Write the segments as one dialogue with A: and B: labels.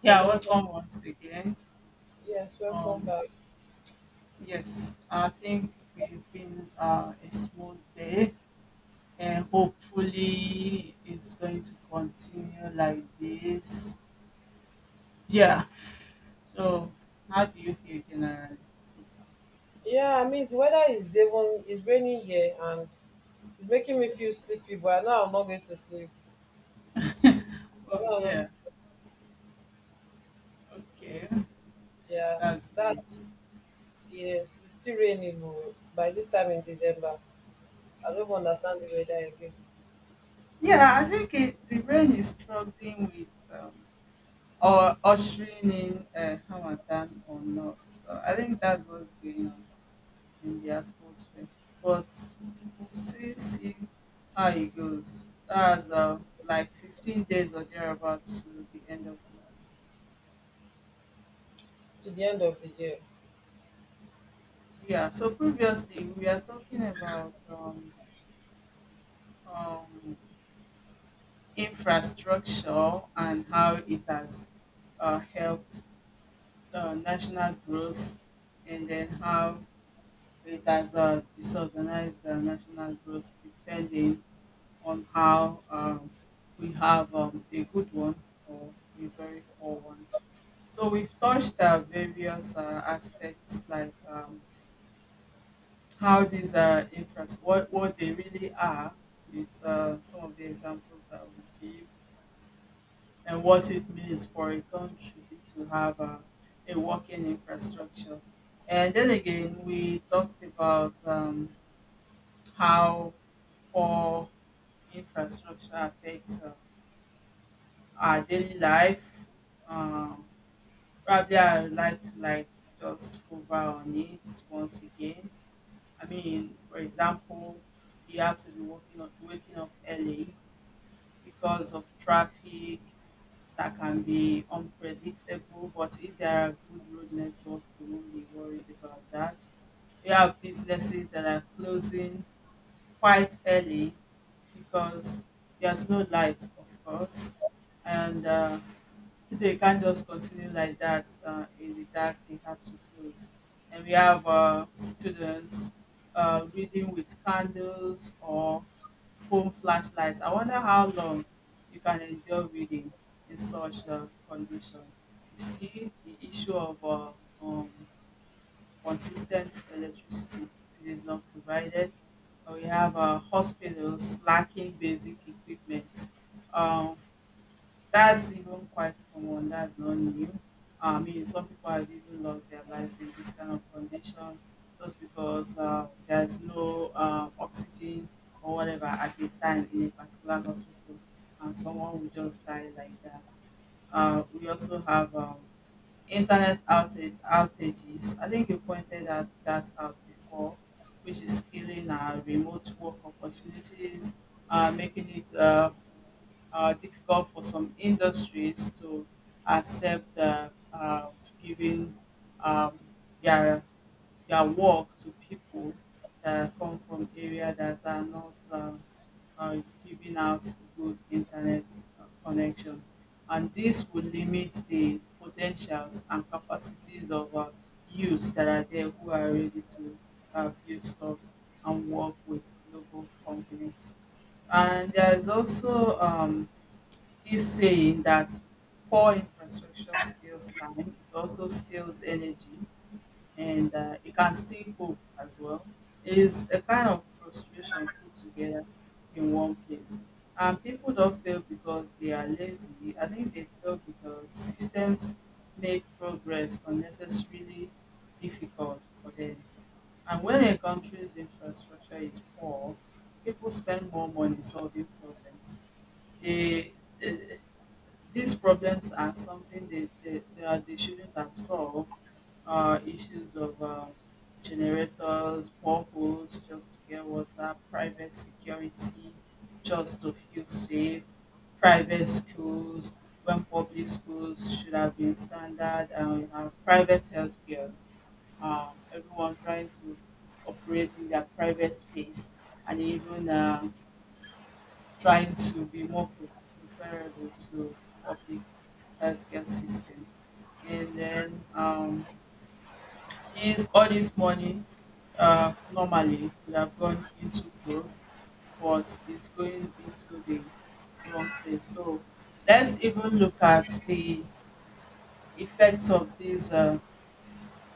A: Yeah,
B: Hello.
A: welcome once again.
B: Yes, welcome
A: Um,
B: back.
A: yes, I think it's been a smooth day, and hopefully it's going to continue like this. Yeah. So, how do you feel generally so far?
B: Yeah, I mean the weather is even it's raining here and it's making me feel sleepy, but now I'm not going to sleep. I
A: Oh
B: know I'm not going
A: yeah.
B: to
A: Okay,
B: sleep. Yeah,
A: that's
B: that
A: great.
B: yes, it's still raining oh, by this time in December. I don't understand the weather again
A: Yeah, I think the rain is struggling with or ushering in Hamadan or not. So I think that's what's going on in the atmosphere. But we'll still see how it goes. That's like 15 days or thereabouts to the end of the
B: to the end of the year.
A: year. Yeah, so previously we are talking about um, infrastructure and how it has helped national growth, and then how it has disorganized the national growth depending on how we have a good one or a very poor one. So we've touched various aspects like how these infras what they really are, with some of the examples that we give, and what it means for a country to have a working infrastructure. And then again, we talked about how poor infrastructure affects our daily life. Um, Probably I would like to like just hover on it once again. I mean, for example, you have to be waking up early because of traffic that can be unpredictable. But if there are good road network, you won't be worried about that. We have businesses that are closing quite early because there's no light, of course, and they can't just continue like that in the dark. They have to close. And we have students reading with candles or phone flashlights. I wonder how long you can endure reading in such a condition. You see the issue of um, consistent electricity, which is not provided. We have hospitals lacking basic equipment. Um, that's even quite common. That's not new. I mean, some people have even lost their lives in this kind of condition just because there's no oxygen or whatever at a time in a particular hospital, and someone will just die like that. We also have outages. I think you pointed that out before, which is killing our remote work opportunities, making it difficult for some industries to accept giving um, their their work to people that come from area that are not giving out good internet connection, and this will limit the potentials and capacities of youths that are there who are ready to build stores and work with global companies. And there is also this saying that poor infrastructure steals time, it also steals energy, and it can steal hope as well, is a kind of frustration put together in one place. And people don't fail because they are lazy. I think they fail because systems make progress unnecessarily difficult for them. And when a country's infrastructure is poor, people spend more money solving problems. They, these problems are something they shouldn't have solved. Issues of generators, boreholes just to get water, private security just to feel safe, private schools when public schools should have been standard, and we have private health cares. Everyone trying to operate in their private space, and even trying to be preferable to public healthcare system. And then these all this money normally could have gone into growth, but it's going into the wrong place. So let's even look at the effects of these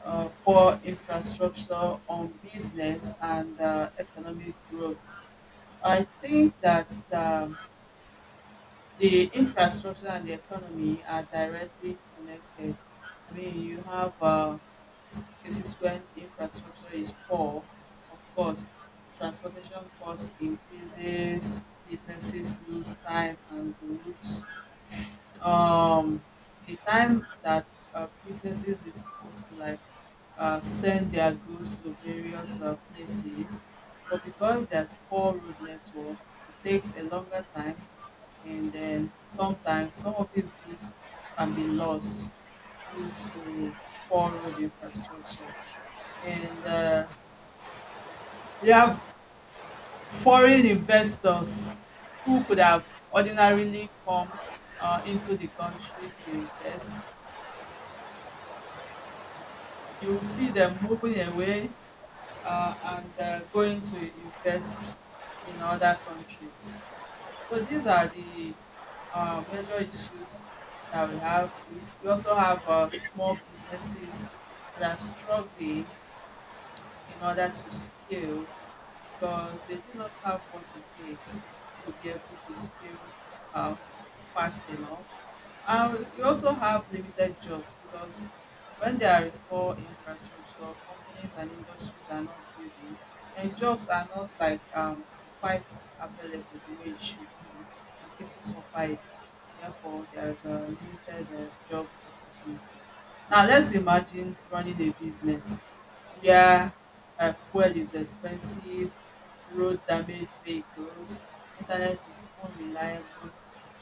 A: poor infrastructure on business and economic growth. I think that the infrastructure and the economy are directly connected. I mean, you have cases when infrastructure is poor, of course, transportation costs increases, businesses lose time and goods. um the time that businesses is supposed to like send their goods to various places, but because there's poor road network, it takes a longer time, and then sometimes some of these goods can be lost due to poor road infrastructure. And you have foreign investors who could have ordinarily come into the country to invest, you will see them moving away and going to invest in other countries. So these are the major issues that we have. We also have small businesses that are struggling in order to scale because they do not have what it takes to be able to scale uh, fast enough. You also have limited jobs because when there is poor infrastructure, companies and industries are not building, and jobs are not like quite available the way it should be, and people suffer it. Therefore, there is a limited job opportunities. Now, let's imagine running a business where fuel is expensive, road damage vehicles, internet is unreliable,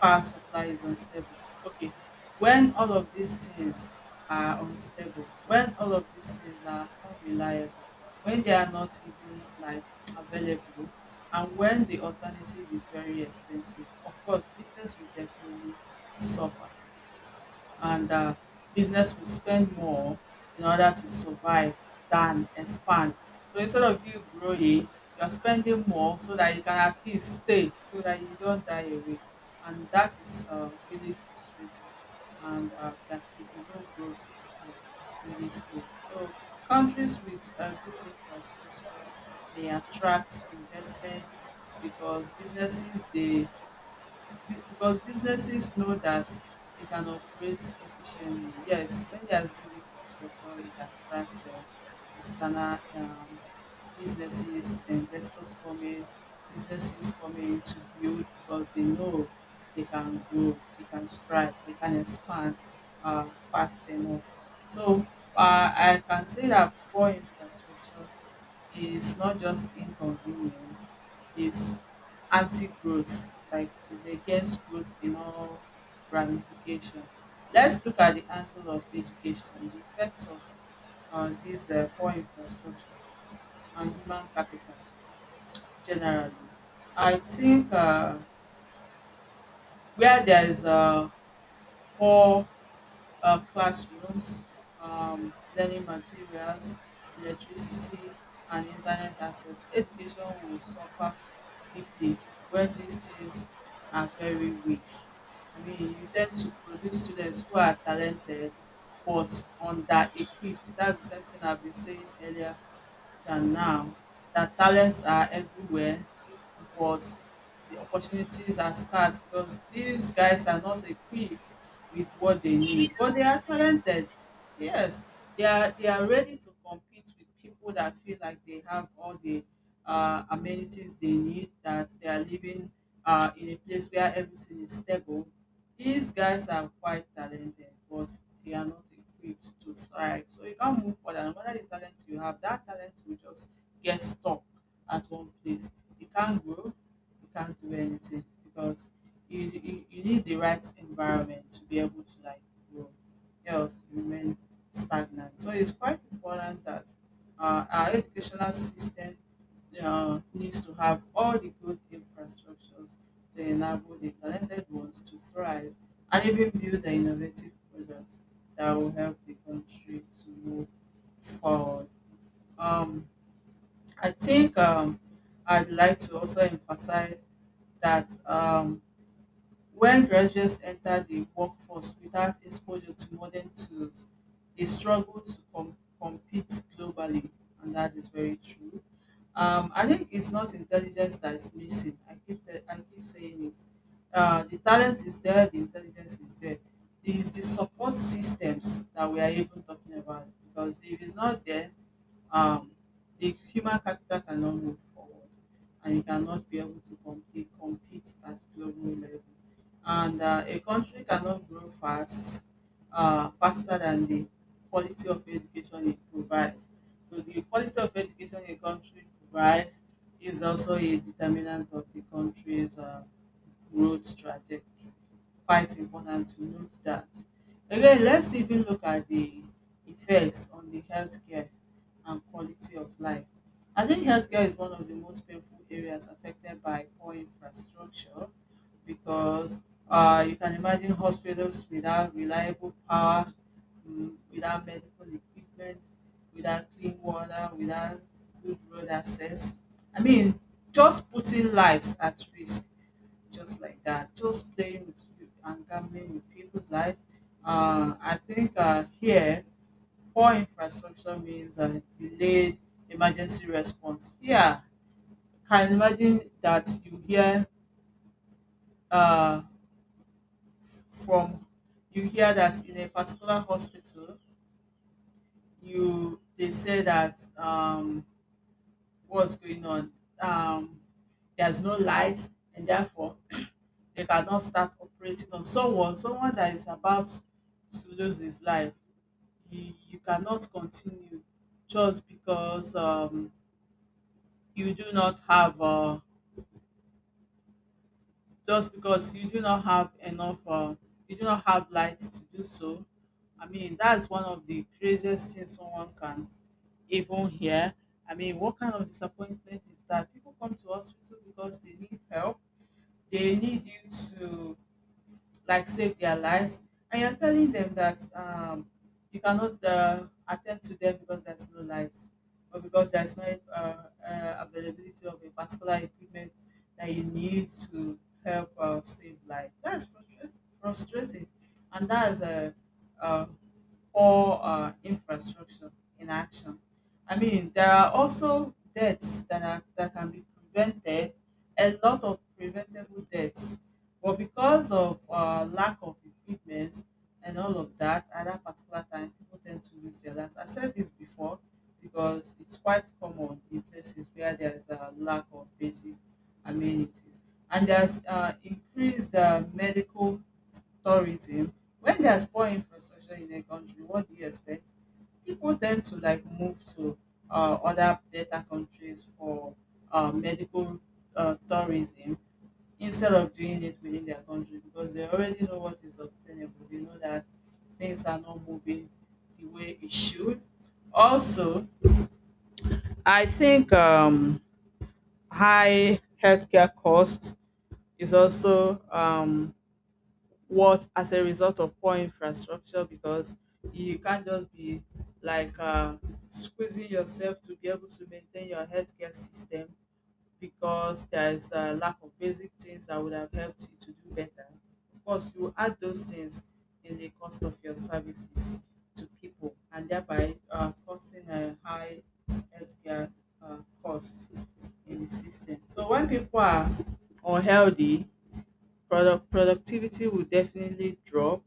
A: power supply is unstable. Okay, when all of these things are unstable, when all of these things are unreliable, when they are not even like available, and when the alternative is very expensive, of course, business will definitely suffer, and business will spend more in order to survive than expand. So instead of you growing, you're spending more so that you can at least stay, so that you don't die away. And that is really frustrating. And there could be no growth at all in this case. So countries with good infrastructure may attract investment because because businesses know that they can operate efficiently. Yes, when there's good infrastructure, it attracts external businesses, investors coming, businesses coming to build because they know they can grow, they can strive, they can expand fast enough. So I can say that poor infrastructure is not just inconvenient, is anti-growth, like is against growth in all ramification. Let's look at the angle of education, the effects of this poor infrastructure and human capital generally. I think where there is a poor classrooms, learning materials, electricity, and internet access, education will suffer deeply when these things are very weak. I mean, you tend to produce students who are talented but under equipped. That's the same thing I've been saying earlier than now, that talents are everywhere, but the opportunities are scarce because these guys are not equipped with what they need. But they are talented. Yes, they are ready to compete with people that feel like they have all the amenities they need, that they are living in a place where everything is stable. These guys are quite talented, but they are not equipped to thrive. So you can't move forward. And no matter the talent you have, that talent will just get stuck at one place. You can't grow, you can't do anything because you need the right environment to be able to like grow. Else you remain stagnant. So it's quite important that our educational system needs to have all the good infrastructures to enable the talented ones to thrive and even build the innovative products that will help the country to move forward. Um, I think I'd like to also emphasize that when graduates enter the workforce without exposure to modern tools, they struggle to compete globally, and that is very true. I think it's not intelligence that is missing. I keep saying it. The talent is there, the intelligence is there. It is the support systems that we are even talking about because if it's not there, um, the human capital cannot move forward and it cannot be able to compete, compete at global level. And a country cannot grow fast, faster than the quality of education it provides. So the quality of education a country provides is also a determinant of the country's growth trajectory. Quite important to note that. Again, let's even look at the effects on the healthcare and quality of life. I think healthcare is one of the most painful areas affected by poor infrastructure because you can imagine hospitals without reliable power, mm, without medical equipment, without clean water, without good road access. I mean, just putting lives at risk, just like that, just playing with you and gambling with people's life. I think here poor infrastructure means delayed emergency response. Yeah, can imagine that you hear uh, from you hear that in a particular hospital, you they say that what's going on. Um, there's no light, and therefore they cannot start operating on someone, someone that is about to lose his life. You cannot continue just because you do not have just because you do not have enough you do not have light to do so. I mean that's one of the craziest things someone can even hear. I mean what kind of disappointment is that? People come to hospital because they need help, they need you to like save their lives, and you're telling them that you cannot attend to them because there's no lights or because there's no uh, availability of a particular equipment that you need to help save life. That's frustrating, frustrating. And that's uh, poor infrastructure in action. I mean, there are also deaths that are that can be prevented. A lot of preventable deaths, but because of lack of equipment and all of that, at that particular time, people tend to lose their lives. I said this before because it's quite common in places where there's a lack of basic amenities, and there's increased medical tourism. When there's poor infrastructure in a country, what do you expect? People tend to like move to other better countries for medical tourism instead of doing it within their country because they already know what is obtainable. They know that things are not moving the way it should. Also, I think high healthcare costs is also what as a result of poor infrastructure because you can't just be like squeezing yourself to be able to maintain your healthcare system because there is a lack of basic things that would have helped you to do better. Of course, you add those things in the cost of your services to people and thereby causing a high healthcare costs in the system. So when people are unhealthy, productivity will definitely drop,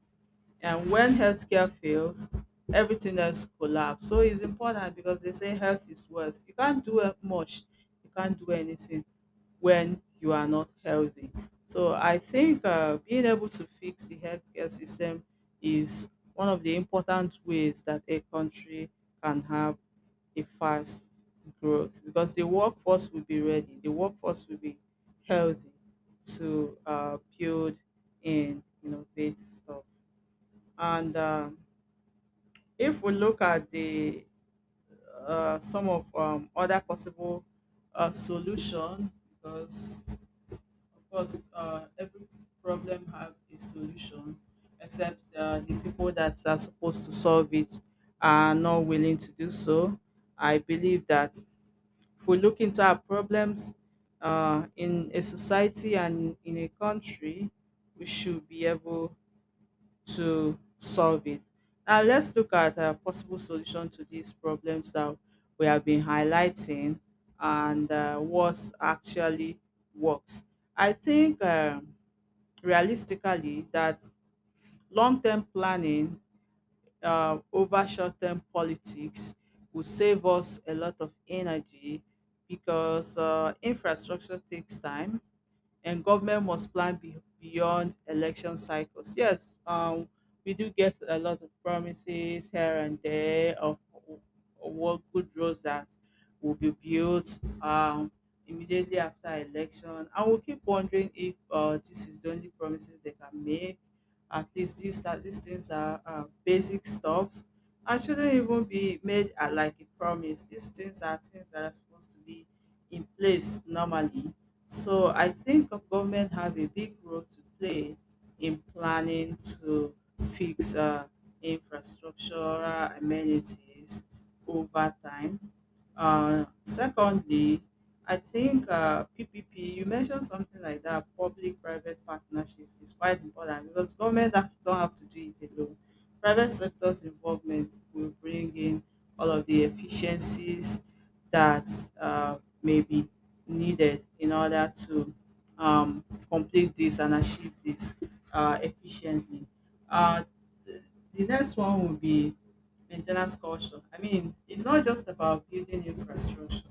A: and when healthcare fails, everything else collapse. So it's important because they say health is wealth. You can't do much. You can't do anything when you are not healthy. So I think being able to fix the healthcare system is one of the important ways that a country can have a fast growth, because the workforce will be ready, the workforce will be healthy to build and innovate stuff. And if we look at the some of other possible solution, because of course every problem have a solution, except the people that are supposed to solve it are not willing to do so. I believe that if we look into our problems in a society and in a country, we should be able to solve it. Now let's look at a possible solution to these problems that we have been highlighting and what actually works. I think realistically that long-term planning over short-term politics will save us a lot of energy, because infrastructure takes time and government must plan beyond election cycles. Yes, we do get a lot of promises here and there of what good roads that will be built immediately after election. I will keep wondering if this is the only promises they can make. At least these things are basic stuffs. I shouldn't even be made like a promise. These things are things that are supposed to be in place normally. So I think government have a big role to play in planning to fix infrastructural amenities over time. Secondly, I think PPP, you mentioned something like that, public-private partnerships is quite important because don't have to do it alone. Private sector's involvement will bring in all of the efficiencies that may be needed in order to complete this and achieve this efficiently. Uh, the, the next one will be maintenance culture. I mean, it's not just about building infrastructure.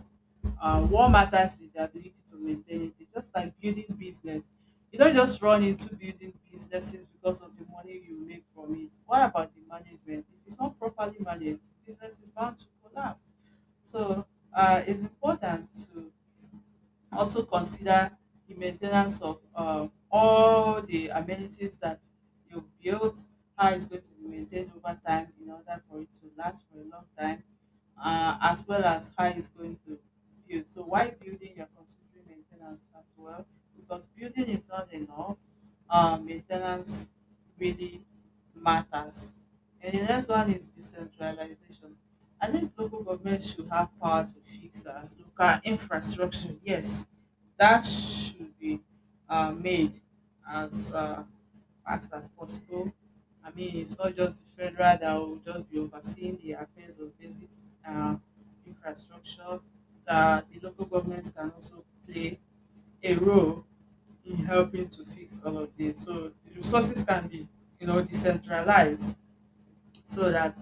A: What matters is the ability to maintain it. It's just like building business. You don't just run into building businesses because of the money you make from it. What about the management? If it's not properly managed, business is bound to collapse. So it's important also consider the maintenance of all the amenities that you've built, how it's going to be maintained over time in order for it to last for a long time, as well as how it's going to build. So while building, you're considering maintenance as well, because building is not enough. Maintenance really matters. And the next one is decentralization. I think local government should have power to fix local infrastructure. Yes, that should be made as fast as possible. I mean, it's not just the federal that will just be overseeing the affairs of basic uh, infrastructure. The local governments can also play a role in helping to fix all of this. So the resources can be, you know, decentralized so that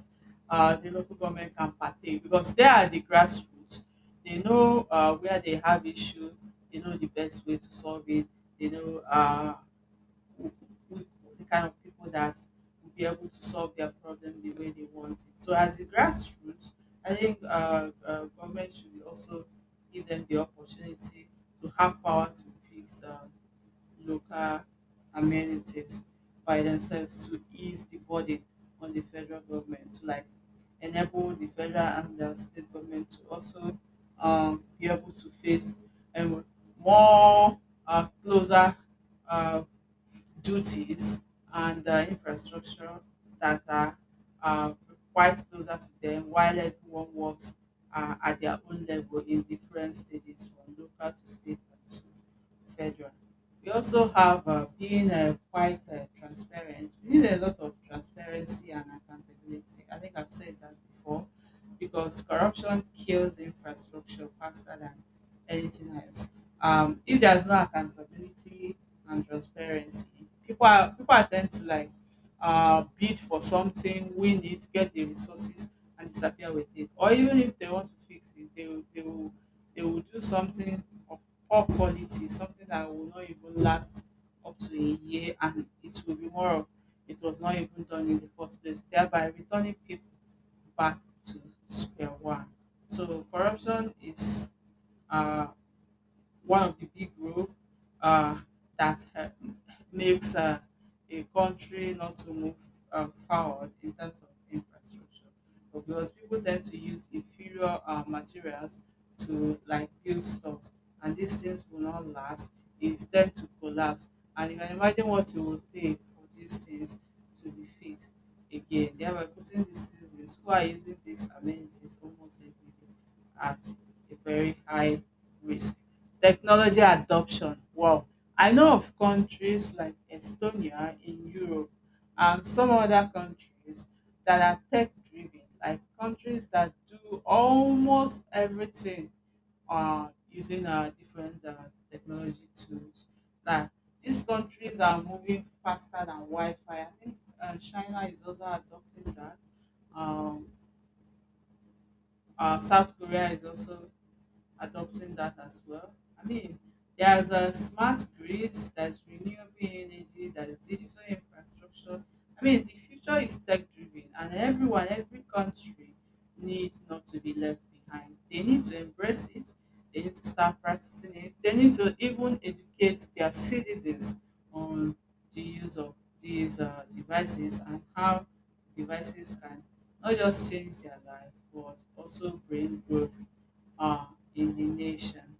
A: the local government can partake because they are the grassroots. They know where they have issue. They know the best way to solve it. They know who, who, the kind of people that will be able to solve their problem the way they want it. So as the grassroots, I think government should also give them the opportunity to have power to fix local amenities by themselves to ease the burden on the federal government, to like enable the federal and the state government to also be able to face um, more closer uh, duties and the infrastructure that are uh, quite closer to them, while everyone works at their own level in different stages from local to state and to federal. We also have being quite transparent. We need a lot of transparency and accountability. I think I've said that before because corruption kills infrastructure faster than anything else. If there's no accountability and transparency, people are tend to like bid for something, win it, get the resources, and disappear with it. Or even if they want to fix it, they will do something of poor quality, something that will not even last up to a year, and it will be more of it was not even done in the first place, thereby returning people back to square one. So corruption is uh, one of the big role uh, that makes a country not to move forward in terms of infrastructure. But because people tend to use inferior materials to like build stocks, and these things will not last, it tend to collapse. And you can imagine what it will take for these things to be fixed again, thereby putting these citizens who are using these amenities almost every day at a very high risk. Technology adoption. Wow. I know of countries like Estonia in Europe and some other countries that are tech driven, like countries that do almost everything using different technology tools. Like these countries are moving faster than Wi Fi. I think China is also adopting that. Um, South Korea is also adopting that as well. I mean, there's a smart grids, there's renewable energy, there's digital infrastructure. I mean, the future is tech driven, and everyone, every country needs not to be left behind. They need to embrace it, they need to start practicing it, they need to even educate their citizens on the use of these devices, and how devices can not just change their lives but also bring growth uh, in the nation.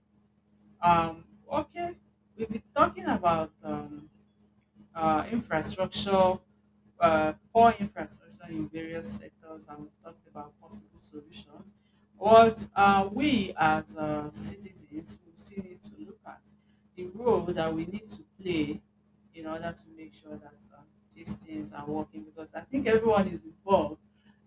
A: Um, okay, we've been talking about infrastructure, poor infrastructure in various sectors, and we've talked about possible solutions. What we as citizens we still need to look at the role that we need to play in order to make sure that these things are working, because I think everyone is involved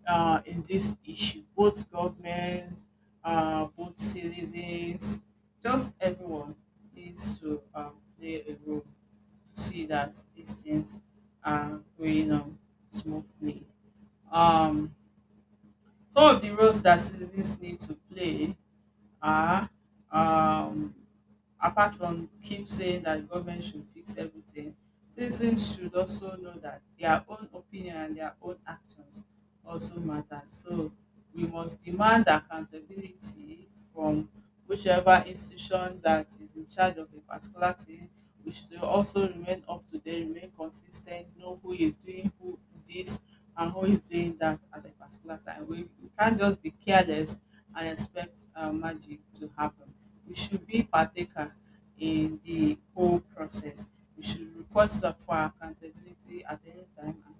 A: in this issue, both governments, both citizens, just everyone needs to play a role to see that these things are going on smoothly. Um, some of the roles that citizens need to play are um, apart from keep saying that government should fix everything, citizens should also know that their own opinion and their own actions also matter. So we must demand accountability from whichever institution that is in charge of a particular thing. We should also remain up to date, remain consistent, know who is doing who this and who is doing that at a particular time. We can't just be careless and expect magic to happen. We should be partaker in the whole process. We should request for accountability at any time and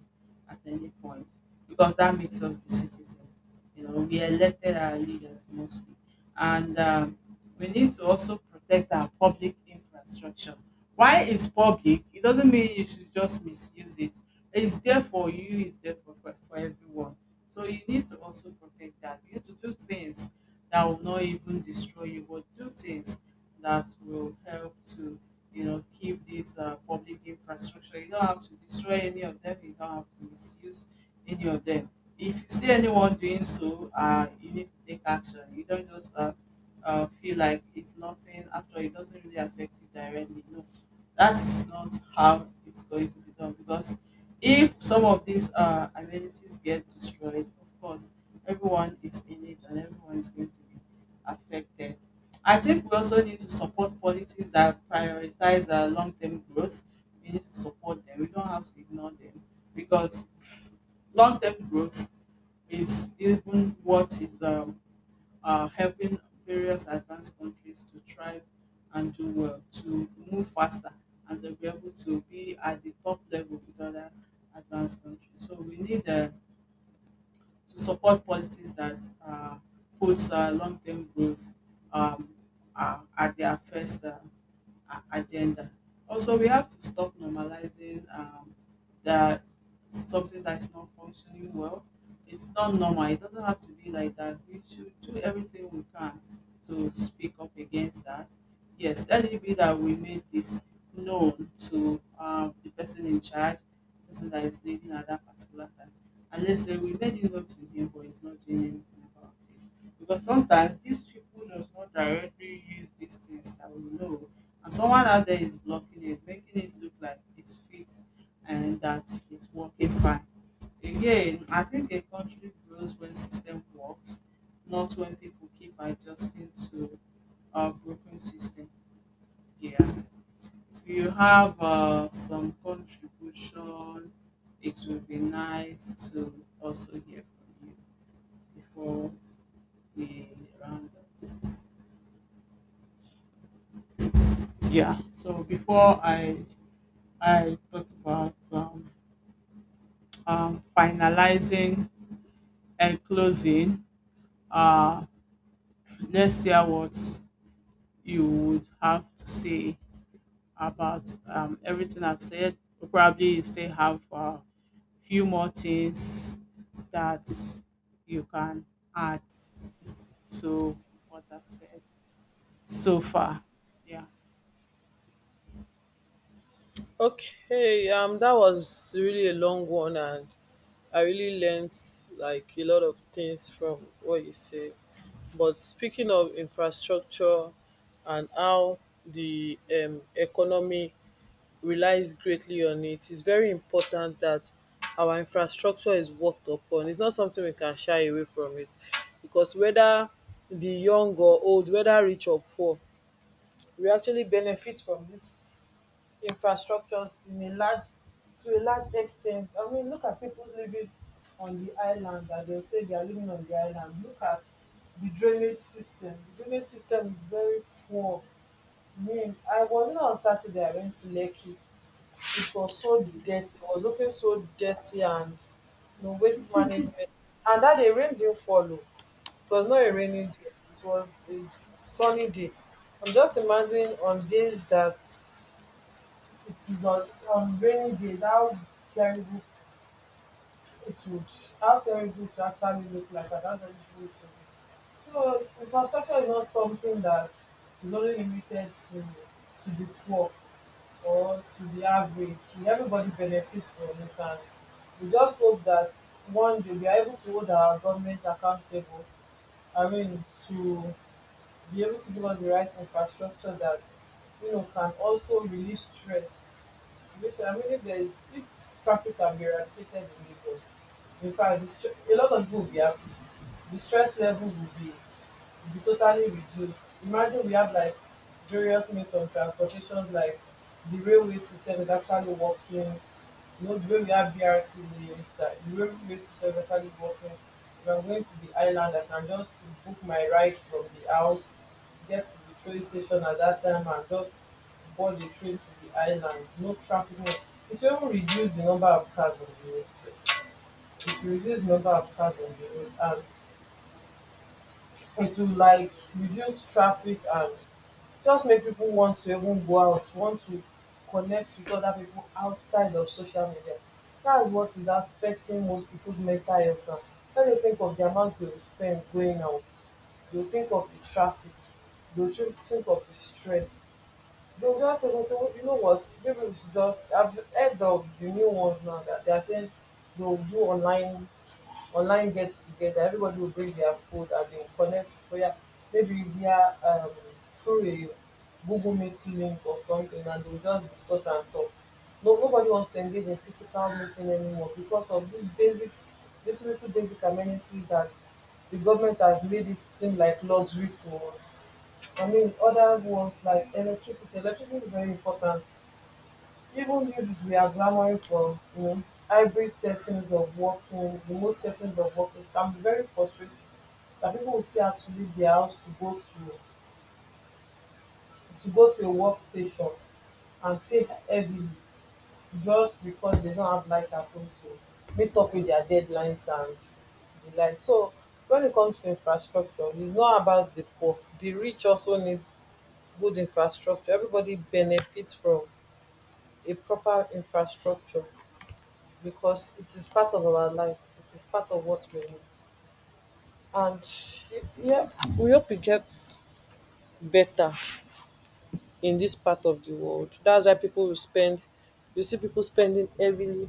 A: at any point because that makes us the citizen. You know, we elected our leaders mostly. And we need to also protect our public infrastructure. Why it's public, it doesn't mean you should just misuse it. It's there for you, it's there for, everyone. So you need to also protect that. You need to do things that will not even destroy you, but do things that will help to, you know, keep this public infrastructure. You don't have to destroy any of them. You don't have to misuse any of them. If you see anyone doing so, you need to take action. You don't just feel like it's nothing. After all, it doesn't really affect you directly. No, that is not how it's going to be done, because if some of these amenities get destroyed, of course, everyone is in it and everyone is going to be affected. I think we also need to support policies that prioritize long term growth. We need to support them. We don't have to ignore them, because long term growth is even what is helping various advanced countries to thrive and do well, to move faster, and to be able to be at the top level with other advanced countries. So we need to support policies that puts long-term growth um, at their first agenda. Also, we have to stop normalizing that something that's not functioning well. It's not normal. It doesn't have to be like that. We should do everything we can to speak up against that. Yes, let it be that we made this known to the person in charge, the person that is leading at that particular time. And let's say we made it known to him, but he's not doing anything about it because sometimes these people does not directly use these things that we know, and someone out there is blocking it, making it look like it's fixed and that it's working fine. Again, I think a country grows when system works, not when people keep adjusting to a broken system. Yeah, if you have some contribution, it will be nice to also hear from you before we round up. Yeah, so before I talk about finalizing and closing, uh, let's hear what you would have to say about everything I've said. Probably you still have a few more things that you can add to what I've said so far. Yeah.
B: Okay, that was really a long one, and I really learnt like a lot of things from what you said. But speaking of infrastructure and how the economy relies greatly on it, it's very important that our infrastructure is worked upon. It's not something we can shy away from it because whether the young or old, whether rich or poor, we actually benefit from these infrastructures in a large to a large extent. I mean, look at people living on the island that they'll say they are living on the island. Look at the drainage system. The drainage system is very poor. I mean, I was not on Saturday, I went to Lekki. It was so dirty. It was looking so dirty and no waste management. And that day rain didn't follow. It was not a rainy day. It was a sunny day. I'm just imagining on days that it is on, on rainy days terrible it would how terrible it actually look like and how terrible it would be. So infrastructure is not something that is only limited to the poor or to the average. Everybody benefits from it, and we just hope that one day we are able to hold our government accountable. I mean, to be able to give us the right infrastructure that, you know, can also relieve stress. Listen, I mean, if there is, if traffic can be eradicated in Lagos, in fact, this, a lot of people will be happy. The stress level would be totally reduced. Imagine we have like various means of transportation, like the railway system is actually working. You know, the way we have BRT links, that the railway system is actually working. If I'm going to the island, I can just book my ride from the house, get to the train station at that time, and just board the train to the island. No traffic. No. It will even reduce the number of cars on the road. Sef. It will reduce the number of cars on the road, and it will like reduce traffic and just make people want to even go out, want to connect with other people outside of social media. That's what is affecting most people's mental health now. When they think of the amount they will spend going out, they'll think of the traffic, think of the stress. They'll just say, "Oh, so you know what, maybe we should just I've heard of the new ones now that they are saying they'll do online get together. Everybody will bring their food and they'll connect prayer maybe via through a Google Meet link or something, and they'll just discuss and talk." No, nobody wants to engage in physical meeting anymore because of these basic these little basic amenities that the government has made it seem like luxury to us. I mean, other ones like electricity. Electricity is very important. Even if we are clamoring for, you know, hybrid settings of working, remote settings of working, it can be very frustrating that people will still have to leave their house to go to a workstation and pay heavily just because they don't have life at home to meet up with their deadlines and the like. So when it comes to infrastructure, it's not about the poor. The rich also needs good infrastructure. Everybody benefits from a proper infrastructure because it is part of our life. It is part of what we need. And yeah, we hope it gets better in this part of the world. That's why people will spend, you see people spending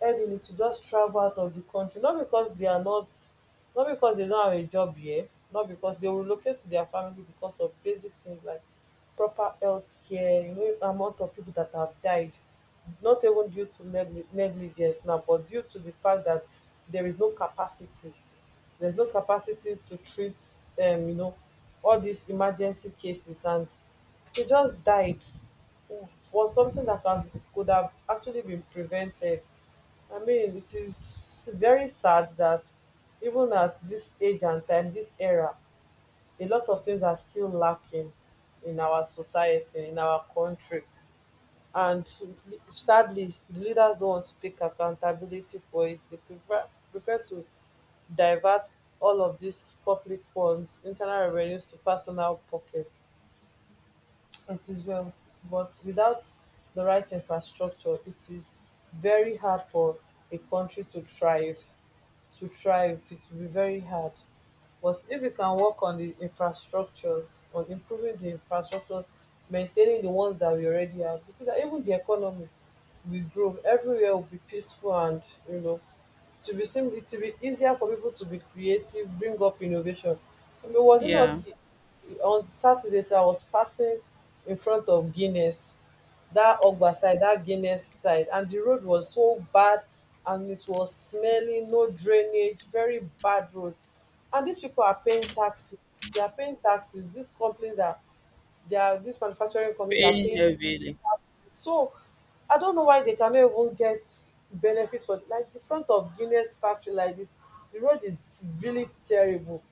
B: heavily to just travel out of the country, not because they don't have a job here, not because they will relocate to dia family, because of basic things like proper health care. You know, amount of people that have died not even due to negligence now, but due to the fact that there is no capacity there's no capacity to treat you know all these emergency cases, and they just died for something dat could have actually been prevented. I mean, it is very sad that even at this age and time, this era, a lot of things are still lacking in our society, in our country. And sadly, the leaders don't want to take accountability for it. They prefer to divert all of these public funds, internal revenues, to personal pockets. It is well, but without the right infrastructure, it is very hard for a country to thrive. It will be very hard, but if you can work on the infrastructures, on improving the infrastructures, maintaining the ones that we already have, you see that even the economy will grow, everywhere will be peaceful, and, you know, to be simple, it will be easier for people to be creative, bring up innovation. I mean, was it not
A: Yeah,
B: on Saturday too? I was passing in front of Guinness, that Ogba side, that Guinness side, and the road was so bad, and it was smelly, no drainage, very bad road. And these people are paying taxes These companies are they are these manufacturing companies are
A: paying
B: paying,
A: heavily.
B: so I don't know why they cannot even get benefit for like the front of Guinness factory like this. The road is really terrible,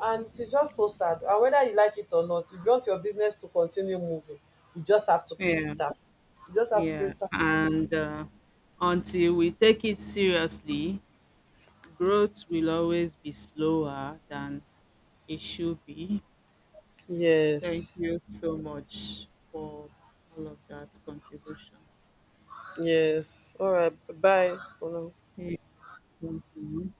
B: and it is just so sad. And whether you like it or not, if you want your business to continue moving, you just have to pay the
A: Yeah,
B: tax. You just have to pay the
A: yeah.
B: tax.
A: And until we take it seriously, growth will always be slower than it should be. Thank
B: Yes.
A: you so much for all of that contribution.
B: Yes. All right. Bye for now.
A: Yeah, thank you.